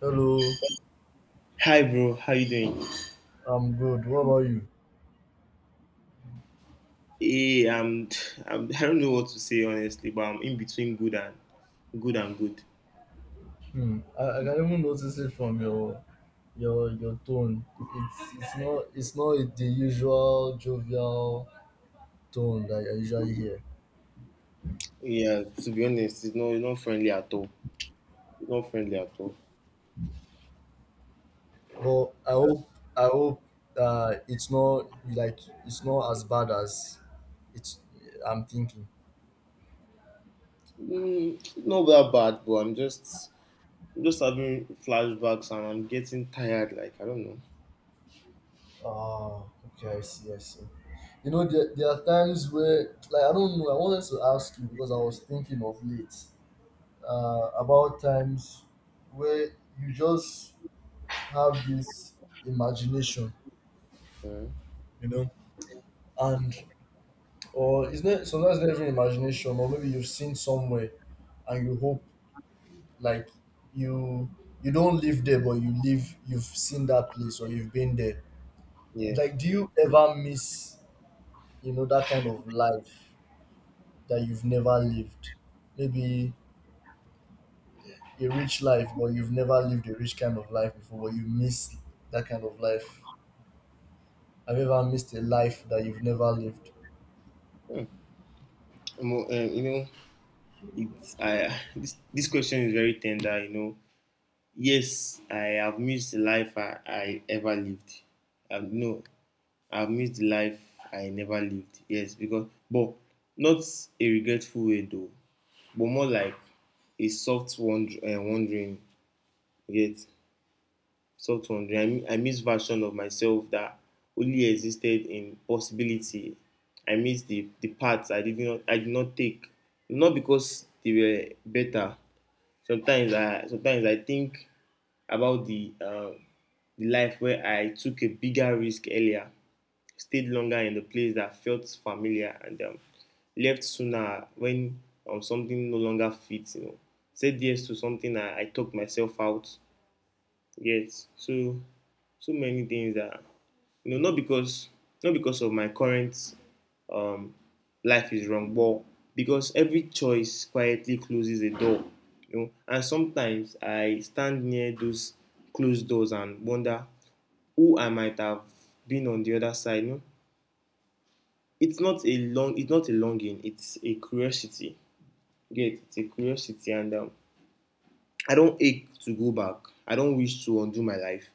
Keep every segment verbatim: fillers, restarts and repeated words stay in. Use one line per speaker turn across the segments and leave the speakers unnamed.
Hello,
Hi bro, how you doing?
I'm good. What about you?
Hey, I'm, I'm I don't know what to say honestly, but I'm in between good and good and good.
Hmm. I, I can even notice it from your your your tone. It's it's not it's not the usual jovial tone that I usually hear.
Yeah, to be honest, it's not it's not friendly at all. It's not friendly at all.
But I hope I hope uh it's not like it's not as bad as it's I'm thinking.
Mm, not that bad, but I'm just I'm just having flashbacks and I'm getting tired. Like I don't
Ah, okay, I see, I see. You know, there, there are times where, like, I don't know, I wanted to ask you because I was thinking of late. Uh, about times where you just have this imagination,
know. Uh,
you know, and or it's not sometimes it's not even imagination, or maybe you've seen somewhere and you hope like you you don't live there, but you live you've seen that place or you've been there.
yeah,
Like, do you ever miss, you know, that kind of life that you've never lived? Maybe a rich life, but you've never lived a rich kind of life before, but you miss that kind of life. Have you ever missed a life that you've never lived?
um, um, you know, it's I this this question is very tender. You know, yes, I have missed the life I, I ever lived. Um, no, I've missed the life I never lived. Yes, because but not a regretful way though, but more like a soft wonder, uh, wondering. Yet soft wondering. I, mi- I miss version of myself that only existed in possibility. I miss the the paths I did not I did not take. Not because they were better. Sometimes I sometimes I think about the uh, the life where I took a bigger risk earlier, stayed longer in the place that felt familiar, and um, left sooner when um, something no longer fits. You know, said yes to something I, I talked myself out. Yes, so so many things that you know not because not because of my current um, life is wrong, but because every choice quietly closes a door. You know, and sometimes I stand near those closed doors and wonder who I might have been on the other side. You know? It's not a long, it's not a longing. It's a curiosity. You Get it's a curiosity, and um, I don't ache to go back. I don't wish to undo my life.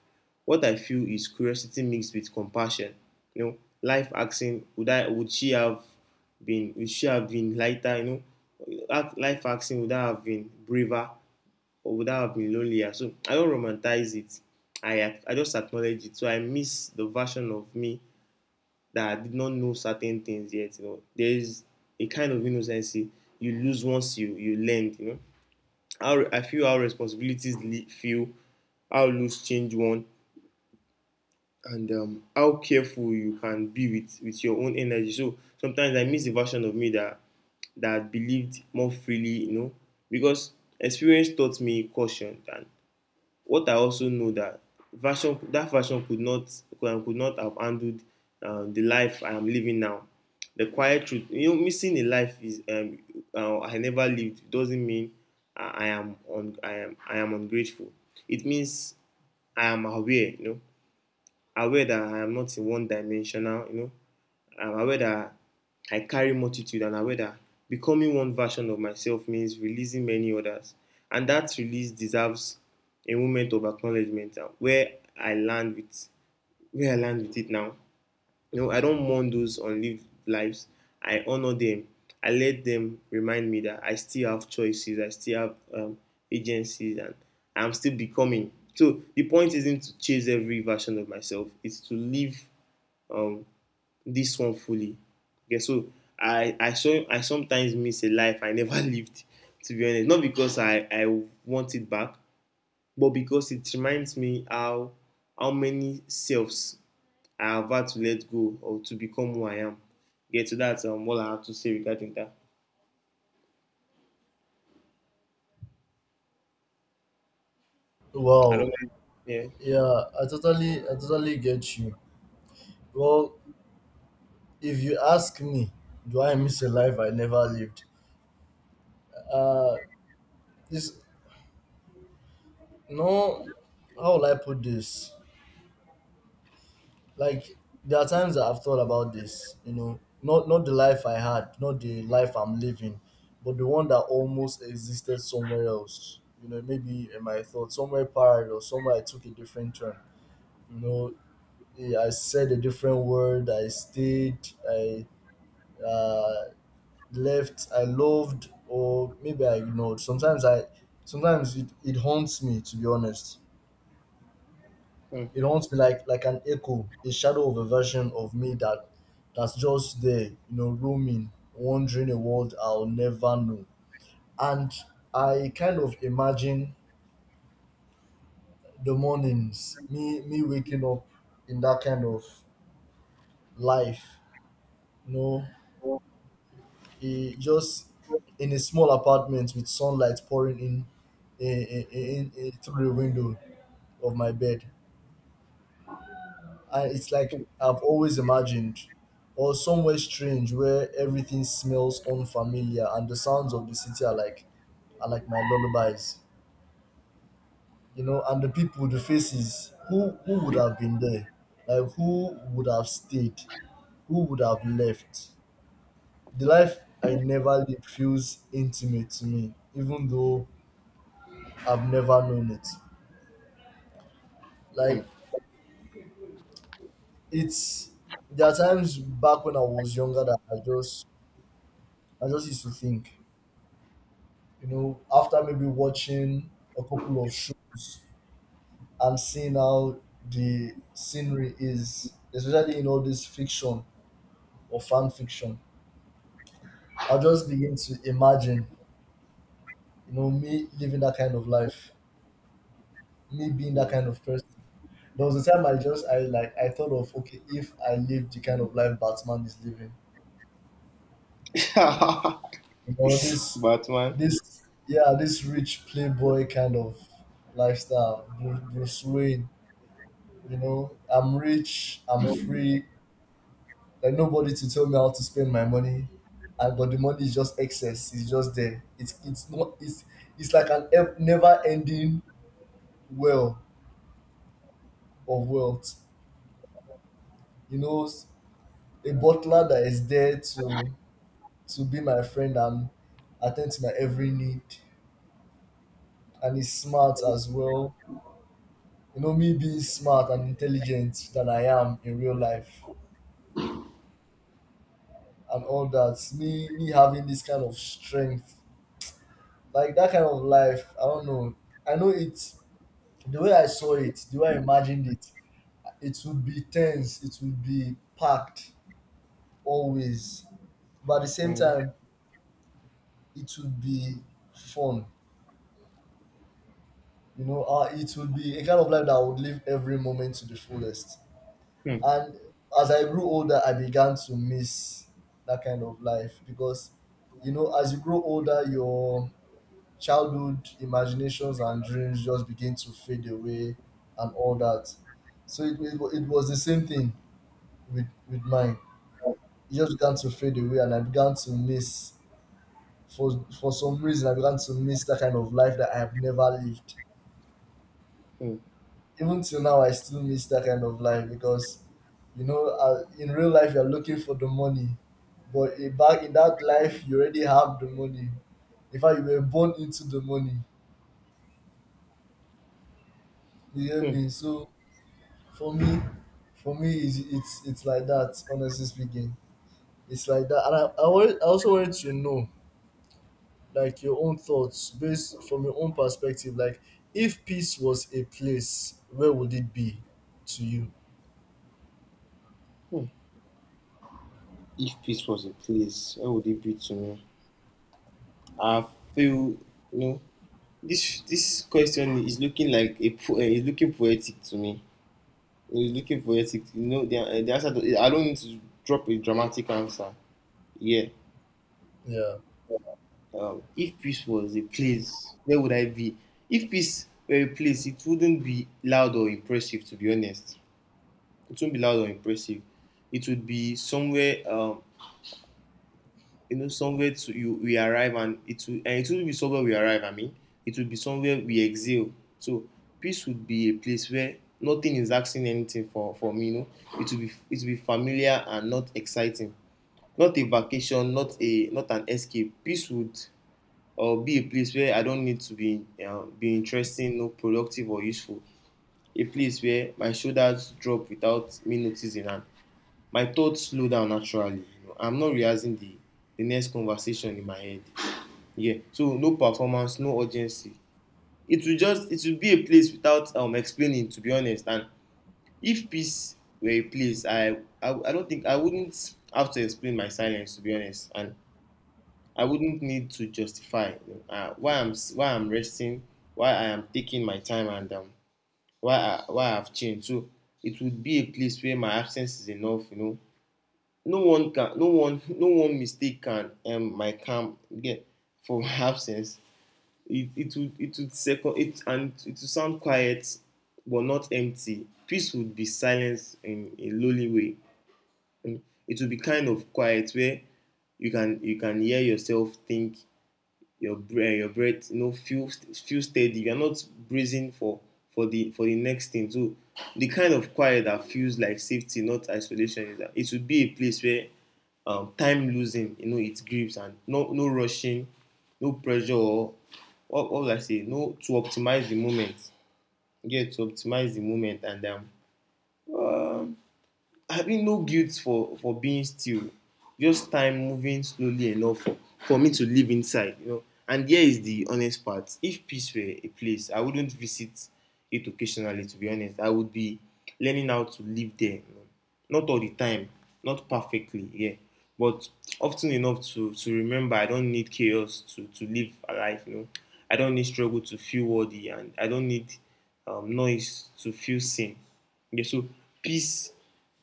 What I feel is curiosity mixed with compassion. You know, life asking, would I, would she have been, would she have been lighter? You know, life asking, would I have been braver or would I have been lonelier? So I don't romanticize it. I I just acknowledge it. So I miss the version of me that I did not know certain things yet. You know, there is a kind of innocency you lose once you you learned. You know how I feel how responsibilities feel, how loose change one, and um, how careful you can be with with your own energy. So sometimes I miss the version of me that that believed more freely, you know, because experience taught me caution and what I also know that version that version could not could, not have handled uh, the life I am living now. The quiet truth, you know, missing a life is um, uh, I never lived doesn't mean I, I am on I am I am ungrateful. It means I am aware, you know, aware that I am not in one dimensional, you know. I'm aware that I carry multitude and aware that becoming one version of myself means releasing many others. And that release deserves a moment of acknowledgement uh, where I land with where I land with it now. You know, I don't mourn those unlived lives. I honor them. I let them remind me that I still have choices. I still have um, agencies, and I'm still becoming. So the point isn't to chase every version of myself. It's to live um, this one fully. Okay, so I I so, I sometimes miss a life I never lived. To be honest, not because I I want it back, but because it reminds me how how many selves I have had to let go or to become who I am. Yeah, so that's um, all I have to say regarding that. I don't
Wow.
know. Yeah.
Yeah, I totally I totally get you. Well, if you ask me, do I miss a life I never lived? Uh this No, how will I put this? Like there are times that I've thought about this, you know, not not the life I had, not the life I'm living, but the one that almost existed somewhere else. You know, maybe in my thoughts, somewhere parallel, somewhere I took a different turn. You know, yeah, I said a different word. I stayed. I uh, left. I loved, or maybe I ignored. Sometimes I, sometimes it, it haunts me. To be honest, it haunts me like like an echo, a shadow of a version of me that that's just there, you know, roaming, wandering a world I'll never know. And I kind of imagine the mornings, me me waking up in that kind of life, you know, eh, just in a small apartment with sunlight pouring in, eh, eh, eh, in, eh, through the window of my bed. And it's like I've always imagined, or somewhere strange where everything smells unfamiliar and the sounds of the city are like are like my lullabies. You know, and the people, the faces, who who would have been there? Like who would have stayed? Who would have left? The life I never lived feels intimate to me, even though I've never known it. Like it's There are times back when I was younger that I just I just used to think, you know, after maybe watching a couple of shows and seeing how the scenery is, especially in all this fiction or fan fiction, I'll just begin to imagine, you know, me living that kind of life, me being that
Hmm.
kind of person. There was a time I just I like I thought of, okay, if I lived the kind of life Batman is living,
Yeah.
you know, this
Batman.
this yeah, this rich playboy kind of lifestyle, Bru- bruce Wayne. You know, I'm rich, I'm free, like nobody to tell me how to spend my money. And but the money is just excess, it's just there, it's it's not it's it's like an ev- never ending well of wealth, you know. S- a butler that is there to to be my friend and attend to my every need, and he's smart as well. You know, me being smart and intelligent than I am in real life and all that. Me me having this kind of strength, like that kind of life, I don't know. I know it. The way I saw it, the way I imagined it, it would be tense, it would be packed always, but at the same
Hmm.
time it would be fun. You know, uh, it would be a kind of life that I would live every moment to the fullest.
Hmm.
And as I grew older, I began to miss that kind of life because, you know, as you grow older, your childhood imaginations and dreams just begin to fade away and all that. So it, it, wa- it was the same thing with, with mine. It just began to fade away, and I began to miss, for, for some reason, I began to miss that kind of life that I have never lived.
Hmm.
Even till now, I still miss that kind of life because, you know, uh, in real life you're looking for the money, but in back in that life you already have the money. In fact, you were born into the money. You hear me? So for me for me, it's it's, it's like that. Honestly speaking, it's like that. And I, I, wanted, I also wanted to know like your own thoughts based from your own perspective, like if peace was a place, where would it be to you?
Hmm. If peace was a place, where would it be to me? I feel you know this this question is looking like a po- eh, is looking poetic to me. It's looking poetic. You know the, eh, the answer. To, I don't need to drop a dramatic answer. Yeah.
Yeah.
Um, if peace was a place, where would I be? If peace were a place, it wouldn't be loud or impressive. To be honest, it wouldn't be loud or impressive. It would be somewhere, um, you know, somewhere to you we arrive, and it would, and it wouldn't be somewhere we arrive. I mean, it would be somewhere we exhale. So peace would be a place where nothing is asking anything for for me. You know, it would be it would be familiar and not exciting. Not a vacation, not a not an escape. Peace would or be a place where I don't need to be um, be interesting, no productive or useful. A place where my shoulders drop without me noticing and my thoughts slow down naturally. You know, I'm not realizing the the next conversation in my head. Yeah. So no performance, no urgency. It will just it will be a place without um explaining to be honest. And if peace were a place, I I, I don't think I wouldn't have to explain my silence to be honest. And I wouldn't need to justify uh, why I'm s- why I'm resting, why I am taking my time, and um, why I, why I've changed. So it would be a place where my absence is enough. You know, no one can, no one, No one mistake can um my calm get for my absence. It it would it would second it and it would sound quiet, but not empty. Peace would be silence in a lonely way. And it would be kind of quiet where you can you can hear yourself think your breath, your breath, you know, feel feel steady. You're not bracing for for the for the next thing. So the kind of quiet that feels like safety, not isolation, is that it should be a place where um, time losing, you know, it grips and no no rushing, no pressure or what, what would I say? No to optimize the moment. Yeah, to optimize the moment and um having no guilt for for being still, just time moving slowly enough for for me to live inside. You know and Here is the honest part: if peace were a place, I wouldn't visit it occasionally to be honest. I would be learning how to live there, you know? Not all the time, not perfectly. Yeah, but often enough to to remember I don't need chaos to to live a life. you know I don't need struggle to feel worthy, and I don't need um, noise to feel seen. Yeah. So peace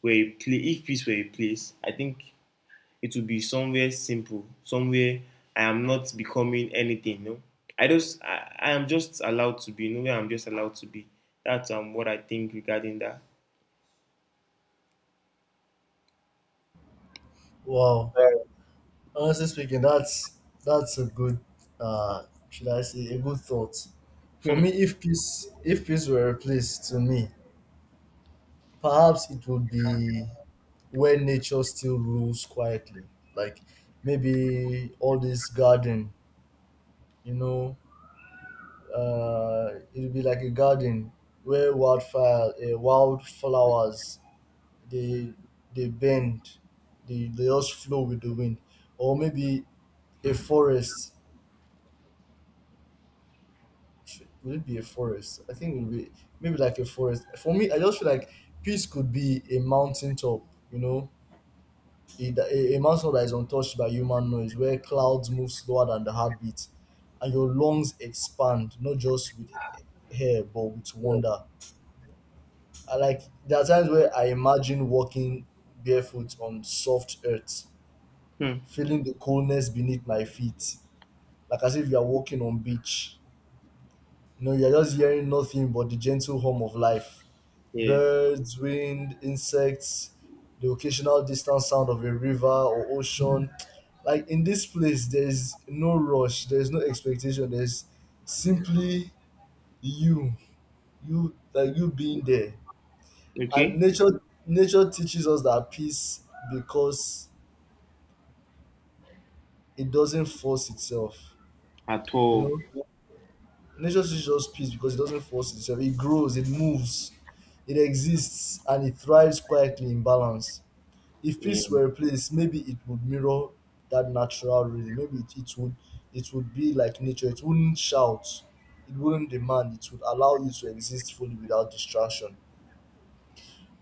were a place if peace were a place, I think it would be somewhere simple, somewhere I am not becoming anything. No, i just i, I am just allowed to be. No, where I'm just allowed to be. That's um what I think regarding that.
Wow.
Right.
Honestly speaking, that's that's a good uh should I say a good thought. For me, if peace if peace were a place to me, perhaps it would be where nature still rules quietly. Like maybe all this garden, you know, uh it would be like a garden where wildfire uh, wildflowers, they they bend, they, they just flow with the wind. Or maybe a forest, should, would it be a forest? I think it would be maybe like a forest. For me, I just feel like peace could be a mountain top, you know, a, a, a mountain top that is untouched by human noise, where clouds move slower than the heartbeat, and your lungs expand not just with air but with wonder. I like There are times where I imagine walking barefoot on soft earth,
Hmm. Hmm.
feeling the coldness beneath my feet, like as if you are walking on beach. No, you're just hearing nothing but the gentle hum of life.
Yeah.
Birds, wind, insects, the occasional distant sound of a river or ocean. Like in this place, there's no rush, there's no expectation, there's simply you, you like you being there. And
Okay.
nature nature teaches us that peace because it doesn't force itself.
At
You
all.
know? Nature teaches us peace because it doesn't force itself. It grows, it moves, it exists, and it thrives quietly in balance. If
Yeah.
peace were a place, maybe it would mirror that natural rhythm. Maybe it, it would it would be like nature. It wouldn't shout, it wouldn't demand, it would allow you to exist fully without distraction.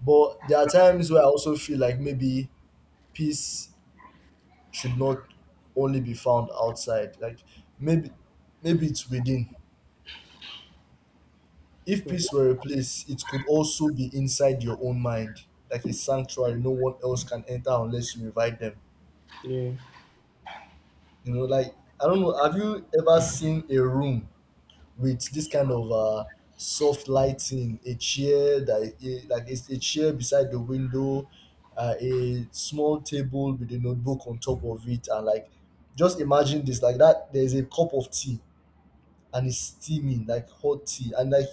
But there are times where I also feel like maybe peace should not only be found outside. Like maybe maybe it's within. If
Hmm.
peace were a place, it could also be inside your own mind, like a sanctuary no one else can enter unless you invite them.
Yeah.
You know, like, I don't know, have you ever seen a room with this kind of uh soft lighting, a chair that eh, like it's a chair beside the window, uh, a small table with a notebook on top of it, and like just imagine this like that. There's a cup of tea and it's steaming, like hot tea, and like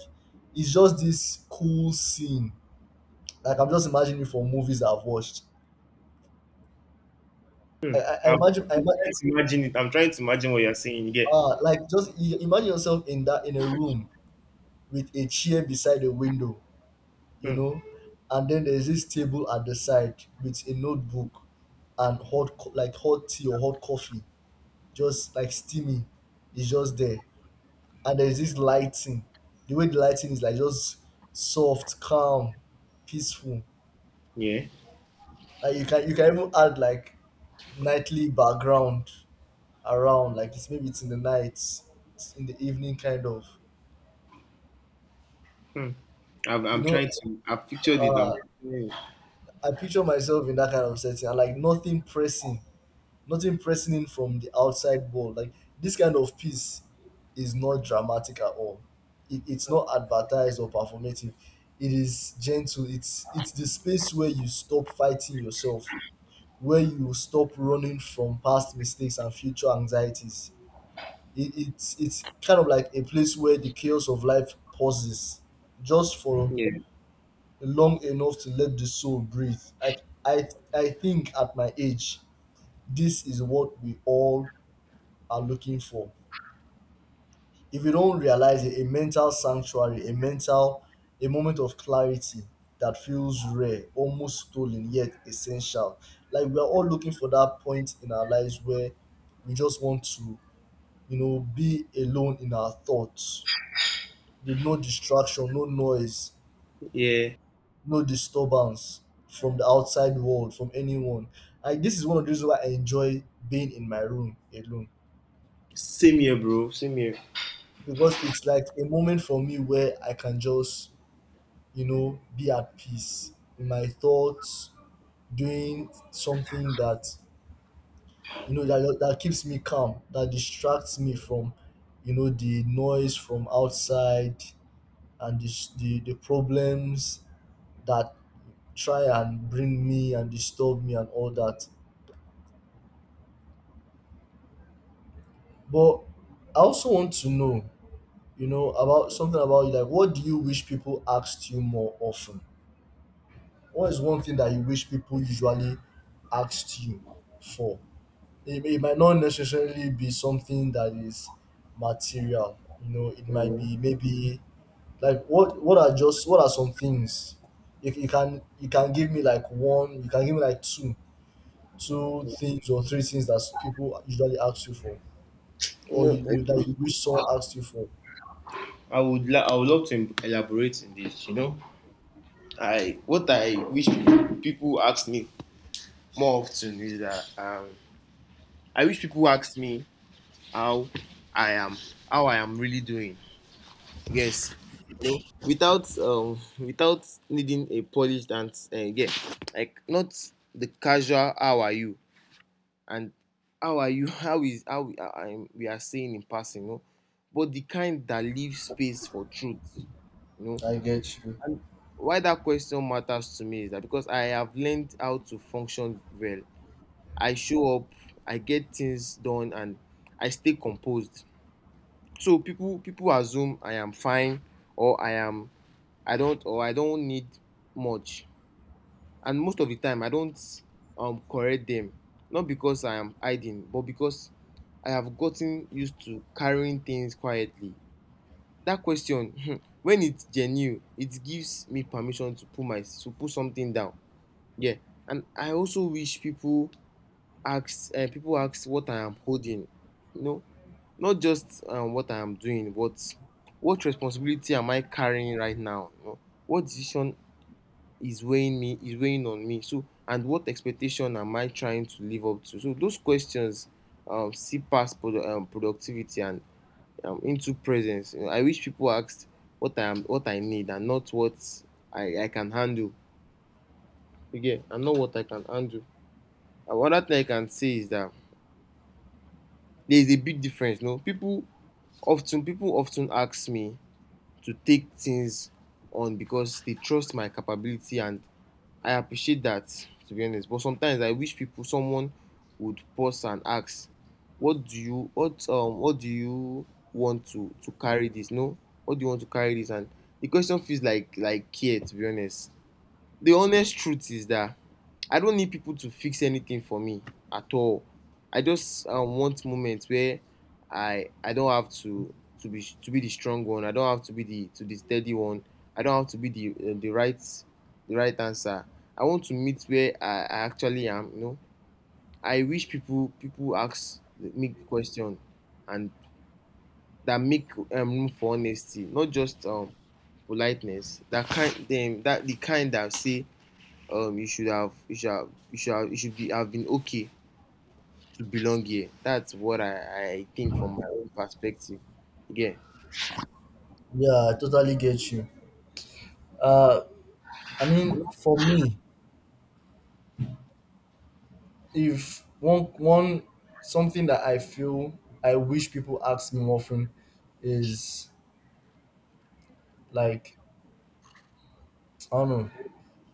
it's just this cool scene. Like I'm just imagining for movies I've watched. I, I, I
I'm,
imagine I
I'm
imagine
trying to imagine it. I'm trying to imagine what you're saying. Yeah.
uh, like just i- imagine yourself in that in a room with a chair beside a window, you
Hmm.
know, and then there's this table at the side with a notebook and hot co- like hot tea or hot coffee, just like steaming. It's just there, and there's this lighting. The way the lighting is, like, just soft, calm, peaceful.
Yeah.
Like, you can you can even add like nightly background around, like it's maybe it's in the night, it's in the evening kind of,
Hmm. I've,
you
I'm
know.
trying. To. I've pictured it. I'm,
uh
yeah,
I picture myself in that kind of setting and like nothing pressing, nothing pressing in from the outside world. Like this kind of peace is not dramatic at all. It, it's not advertised or performative, it is gentle. It's it's the space where you stop fighting yourself, where you stop running from past mistakes and future anxieties. It, it's it's kind of like a place where the chaos of life pauses just for
yeah.
long enough to let the soul breathe. Like i i think at my age, this is what we all are looking for, if you don't realize it: a mental sanctuary, a mental, a moment of clarity that feels rare, almost stolen, yet essential. Like we are all looking for that point in our lives where we just want to, you know, be alone in our thoughts with no distraction, no noise,
Yeah.
no disturbance from the outside world, from anyone. And this is one of the reasons why I enjoy being in my room alone,
Same here, bro. Same here.
because it's like a moment for me where I can just, you know, be at peace in my thoughts, doing something that, you know, that, that keeps me calm, that distracts me from, you know, the noise from outside and the, the, the problems that try and bring me and disturb me and all that. But I also want to know, you know, about something about you. Like, what do you wish people asked you more often? What is one thing that you wish people usually asked you for? It, may- it might not necessarily be something that is material. You know, it might
Mm.
be maybe like what what are just what are some things? If you can you can give me like one, you can give me like two two things or three things that people usually ask you for,
You
or
know,
you, that you wish someone asked you for.
I would la- I would love to em- elaborate in this. You know, I what I wish people ask me more often is that um, I wish people ask me how I am, how I am really doing. Yes, you know, without um, without needing a polished answer. Uh, yeah, like not the casual "How are you?" and "How are you?" How is how we are, I'm- we are saying in passing. You know, but the kind that leaves space for truth. You know
I get you.
why that question matters to me is that because I have learned how to function well. I show up, I get things done, and I stay composed. So people people assume I am fine or I am I don't or I don't need much. And most of the time I don't um correct them. Not because I am hiding, but because I have gotten used to carrying things quietly. That question, when it's genuine, it gives me permission to put my to put something down. Yeah, and I also wish people ask uh, people ask what I am holding, you know, not just um, what I am doing, but what responsibility am I carrying right now? You know, what decision is weighing me is weighing on me? So, and what expectation am I trying to live up to? So, those questions um, see past produ- um, productivity and um, into presence. You know, I wish people asked what I am, what I need, and not what I, I can handle. Again, and not what I can handle. And Another thing I can say is that there is a big difference. No, people often people often ask me to take things on because they trust my capability, and I appreciate that to be honest. But sometimes I wish people someone would pause and ask, "What do you what um what do you want to to carry this? No, what do you want to carry this?" And the question feels like like care. To be honest, the honest truth is that I don't need people to fix anything for me at all. I just um, want moments where I I don't have to to be to be the strong one. I don't have to be the to the steady one. I don't have to be the uh, the right the right answer. I want to meet where I, I actually am. You know, I wish people people ask me question and that make um, room for honesty, not just um politeness. That kind them that the kind that say um you should have you should have you should have, you should be have been okay to belong here. That's what I, I think from my own perspective. Yeah.
Yeah, I totally get you. Uh, I mean, for me, if one one something that I feel I wish people ask me more often is like, I don't know,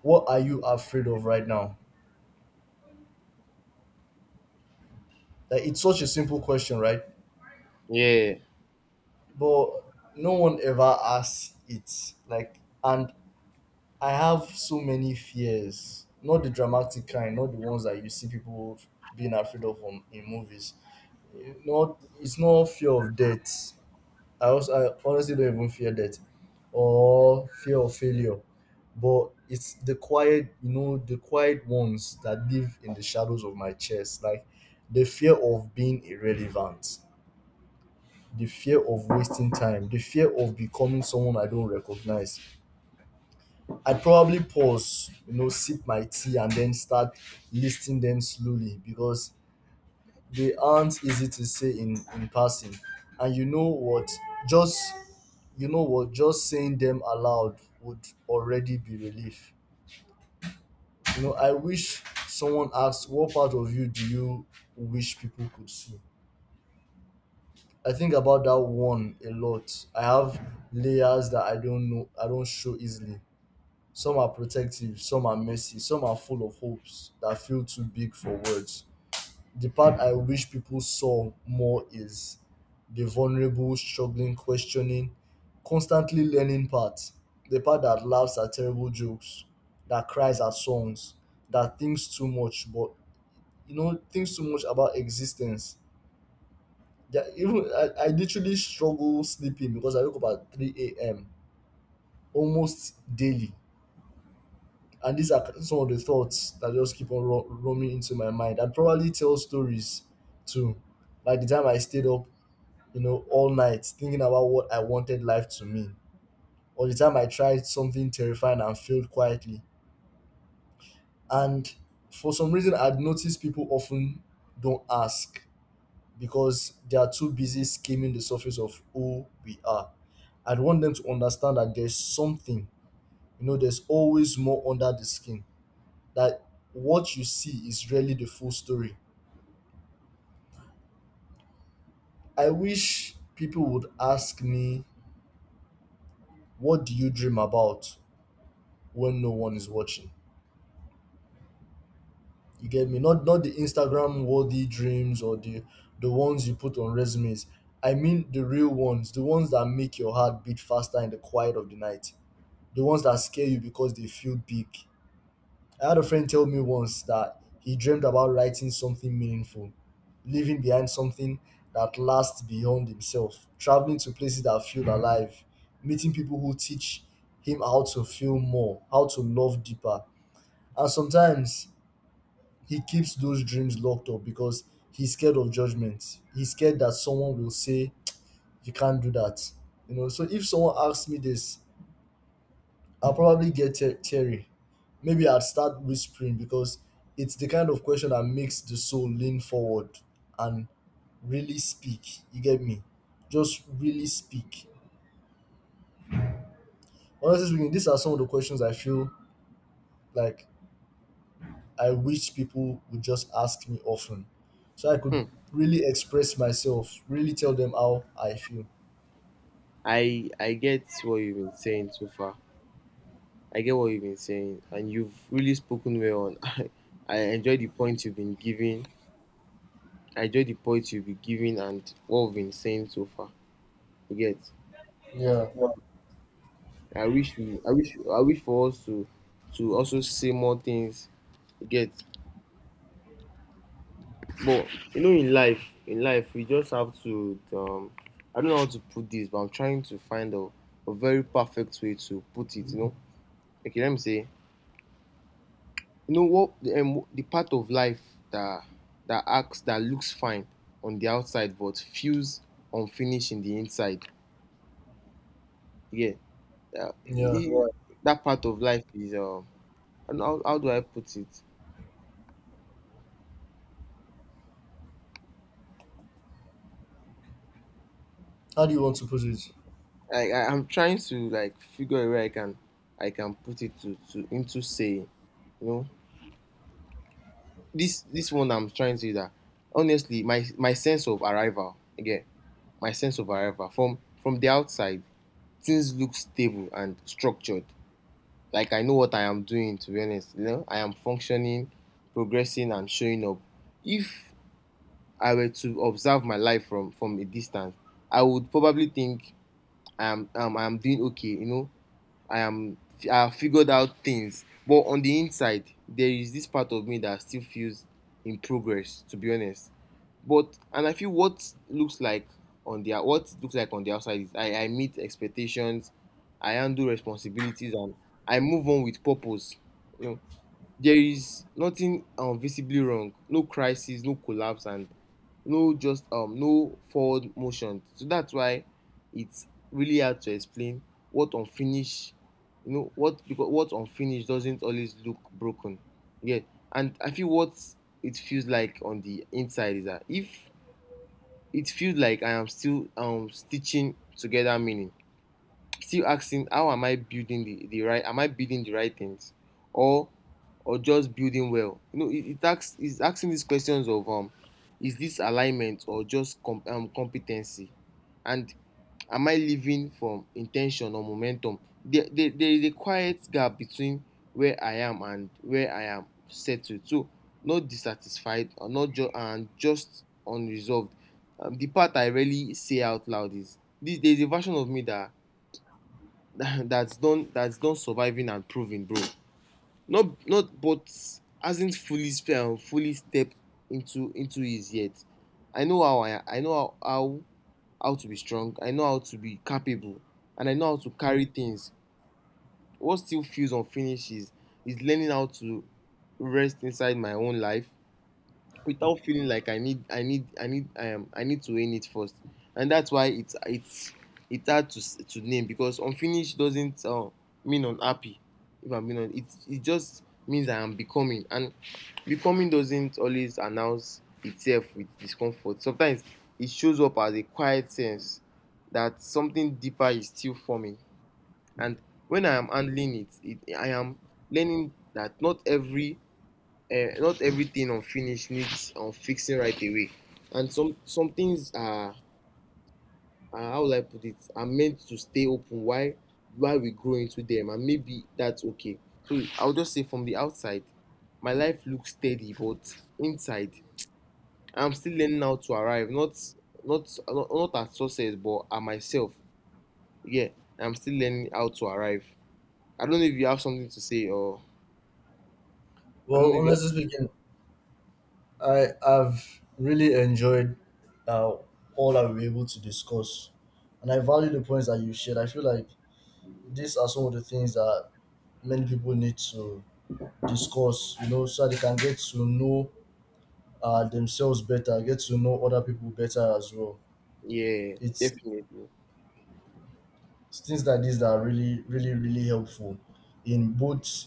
what are you afraid of right now? Like, it's such a simple question, right?
Yeah.
But no one ever asks it. Like, and I have so many fears, not the dramatic kind, not the ones that you see people being afraid of on, in movies. Not It's not fear of death. I also I honestly don't even fear death or fear of failure, but it's the quiet, you know, the quiet ones that live in the shadows of my chest, like the fear of being irrelevant, the fear of wasting time, the fear of becoming someone I don't recognize. I'd probably pause, you know, sip my tea and then start listing them slowly because they aren't easy to say in, in passing. And you know what? Just you know what, just saying them aloud would already be relief. You know, I wish someone asked, what part of you do you wish people could see? I think about that one a lot. I have layers that I don't know I don't show easily. Some are protective, some are messy, some are full of hopes that feel too big for words. The part I wish people saw more is the vulnerable, struggling, questioning, constantly learning part. The part that laughs at terrible jokes, that cries at songs, that thinks too much, but you know, thinks too much about existence. Yeah, even I, I literally struggle sleeping because I wake up at three a m almost daily. And these are some of the thoughts that just keep on ro- roaming into my mind. I'd probably tell stories too, like the time I stayed up, you know, all night thinking about what I wanted life to mean, or the time I tried something terrifying and failed quietly. And for some reason, I'd noticed people often don't ask because they are too busy skimming the surface of who we are. I'd want them to understand that there's something, you know, there's always more under the skin that what you see is really the full story. I wish people would ask me, what do you dream about when no one is watching? You get me? Not not the Instagram worthy dreams or the the ones you put on resumes. I mean the real ones, the ones that make your heart beat faster in the quiet of the night. The ones that scare you because they feel big. I had a friend tell me once that he dreamed about writing something meaningful, leaving behind something that lasts beyond himself, traveling to places that feel alive, meeting people who teach him how to feel more, how to love deeper. And sometimes he keeps those dreams locked up because he's scared of judgment. He's scared that someone will say, "You can't do that." You know, so if someone asks me this, I'll probably get the- theory. Maybe I'd start whispering because it's the kind of question that makes the soul lean forward and really speak. You get me? Just really speak. Honestly speaking, these are some of the questions I feel like I wish people would just ask me often, so I could really express myself, really tell them how I feel.
I I get what you've been saying so far. I get what you've been saying, and you've really spoken well on I, I enjoy the points you've been giving. I enjoy the points you've been giving and what we've been saying so far. You get.
Yeah.
I wish we I wish I wish for us to to also say more things. You get. But you know, in life, in life, we just have to. Um, I don't know how to put this, but I'm trying to find a, a very perfect way to put it. You know, okay, let me say, you know what, the, um, the part of life that that acts that looks fine on the outside but feels unfinished in the inside. Yeah, uh,
Yeah.
i- Right. That part of life is. Uh, I don't know, how, how do I put it?
How do you want to put it?
I, I I'm trying to like figure a way I can I can put it to, to into saying. You know. this this one I'm trying to say that honestly, my my sense of arrival again, my sense of arrival from from the outside, things look stable and structured. Like I know what I am doing. To be honest, you know, I am functioning, progressing, and showing up. If I were to observe my life from from a distance, I would probably think I am um, I am doing okay. You know, I am I have figured out things. But on the inside, there is this part of me that still feels in progress, to be honest. But and I feel what looks like on the what it looks like on the outside is I, I meet expectations, I handle responsibilities, and I move on with purpose. You know, there is nothing um, visibly wrong, no crisis, no collapse, and no just um no forward motion. So that's why it's really hard to explain what unfinished, you know what, because what unfinished doesn't always look broken. Yeah. And I feel what it feels like on the inside is that if it feels like I am still um stitching together meaning, still asking how am I building the, the right am I building the right things, or or just building well. You know, it, it asks it's asking these questions of um is this alignment or just com- um, competency, and am I living from intention or momentum? There, there, there is a quiet gap between where I am and where I am settled. So not dissatisfied or not just and just unresolved. Um, the part I rarely say out loud is this: there is a version of me that that's done that's done surviving and proving, bro. Not not but hasn't fully um, fully stepped into into his yet. I know how I I know how, how how to be strong. I know how to be capable, and I know how to carry things. What still feels unfinished is is learning how to rest inside my own life without feeling like I need I need I need um I need to own it first. And that's why it's it's it's hard to s- to name, because unfinished doesn't uh, mean unhappy. If I'm being honest, it it just means I am becoming, and becoming doesn't always announce itself with discomfort. Sometimes it shows up as a quiet sense that something deeper is still forming. And when I am handling it, it I am learning that not every uh, not everything unfinished needs um, fixing right away, and some some things are, are how will I put it, are meant to stay open while while we grow into them. And maybe that's okay. So I'll just say from the outside my life looks steady, but inside I'm still learning how to arrive, not not not, not at success but at myself. Yeah, I'm still learning how to arrive. I don't know if you have something to say, or I don't
Well,
know if you have.
honestly speaking, I have really enjoyed uh, all that we were able to discuss, and I value the points that you shared. I feel like these are some of the things that many people need to discuss, you know, so that they can get to know uh, themselves better, get to know other people better as well.
Yeah,
It's
definitely.
it's things like this that are really, really, really helpful in both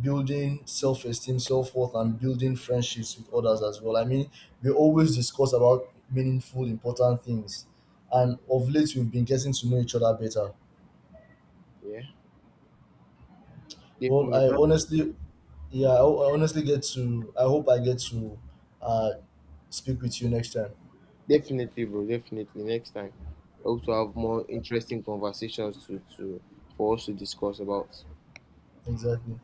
building self-esteem, self-worth, and building friendships with others as well. I mean, we always discuss about meaningful important things, and of late we've been getting to know each other better.
Yeah,
well i
definitely.
honestly yeah i, I honestly get to I hope I get to uh speak with you next time.
Definitely, bro. Definitely. Next time. I hope to have more interesting conversations to, to for us to discuss about.
Exactly.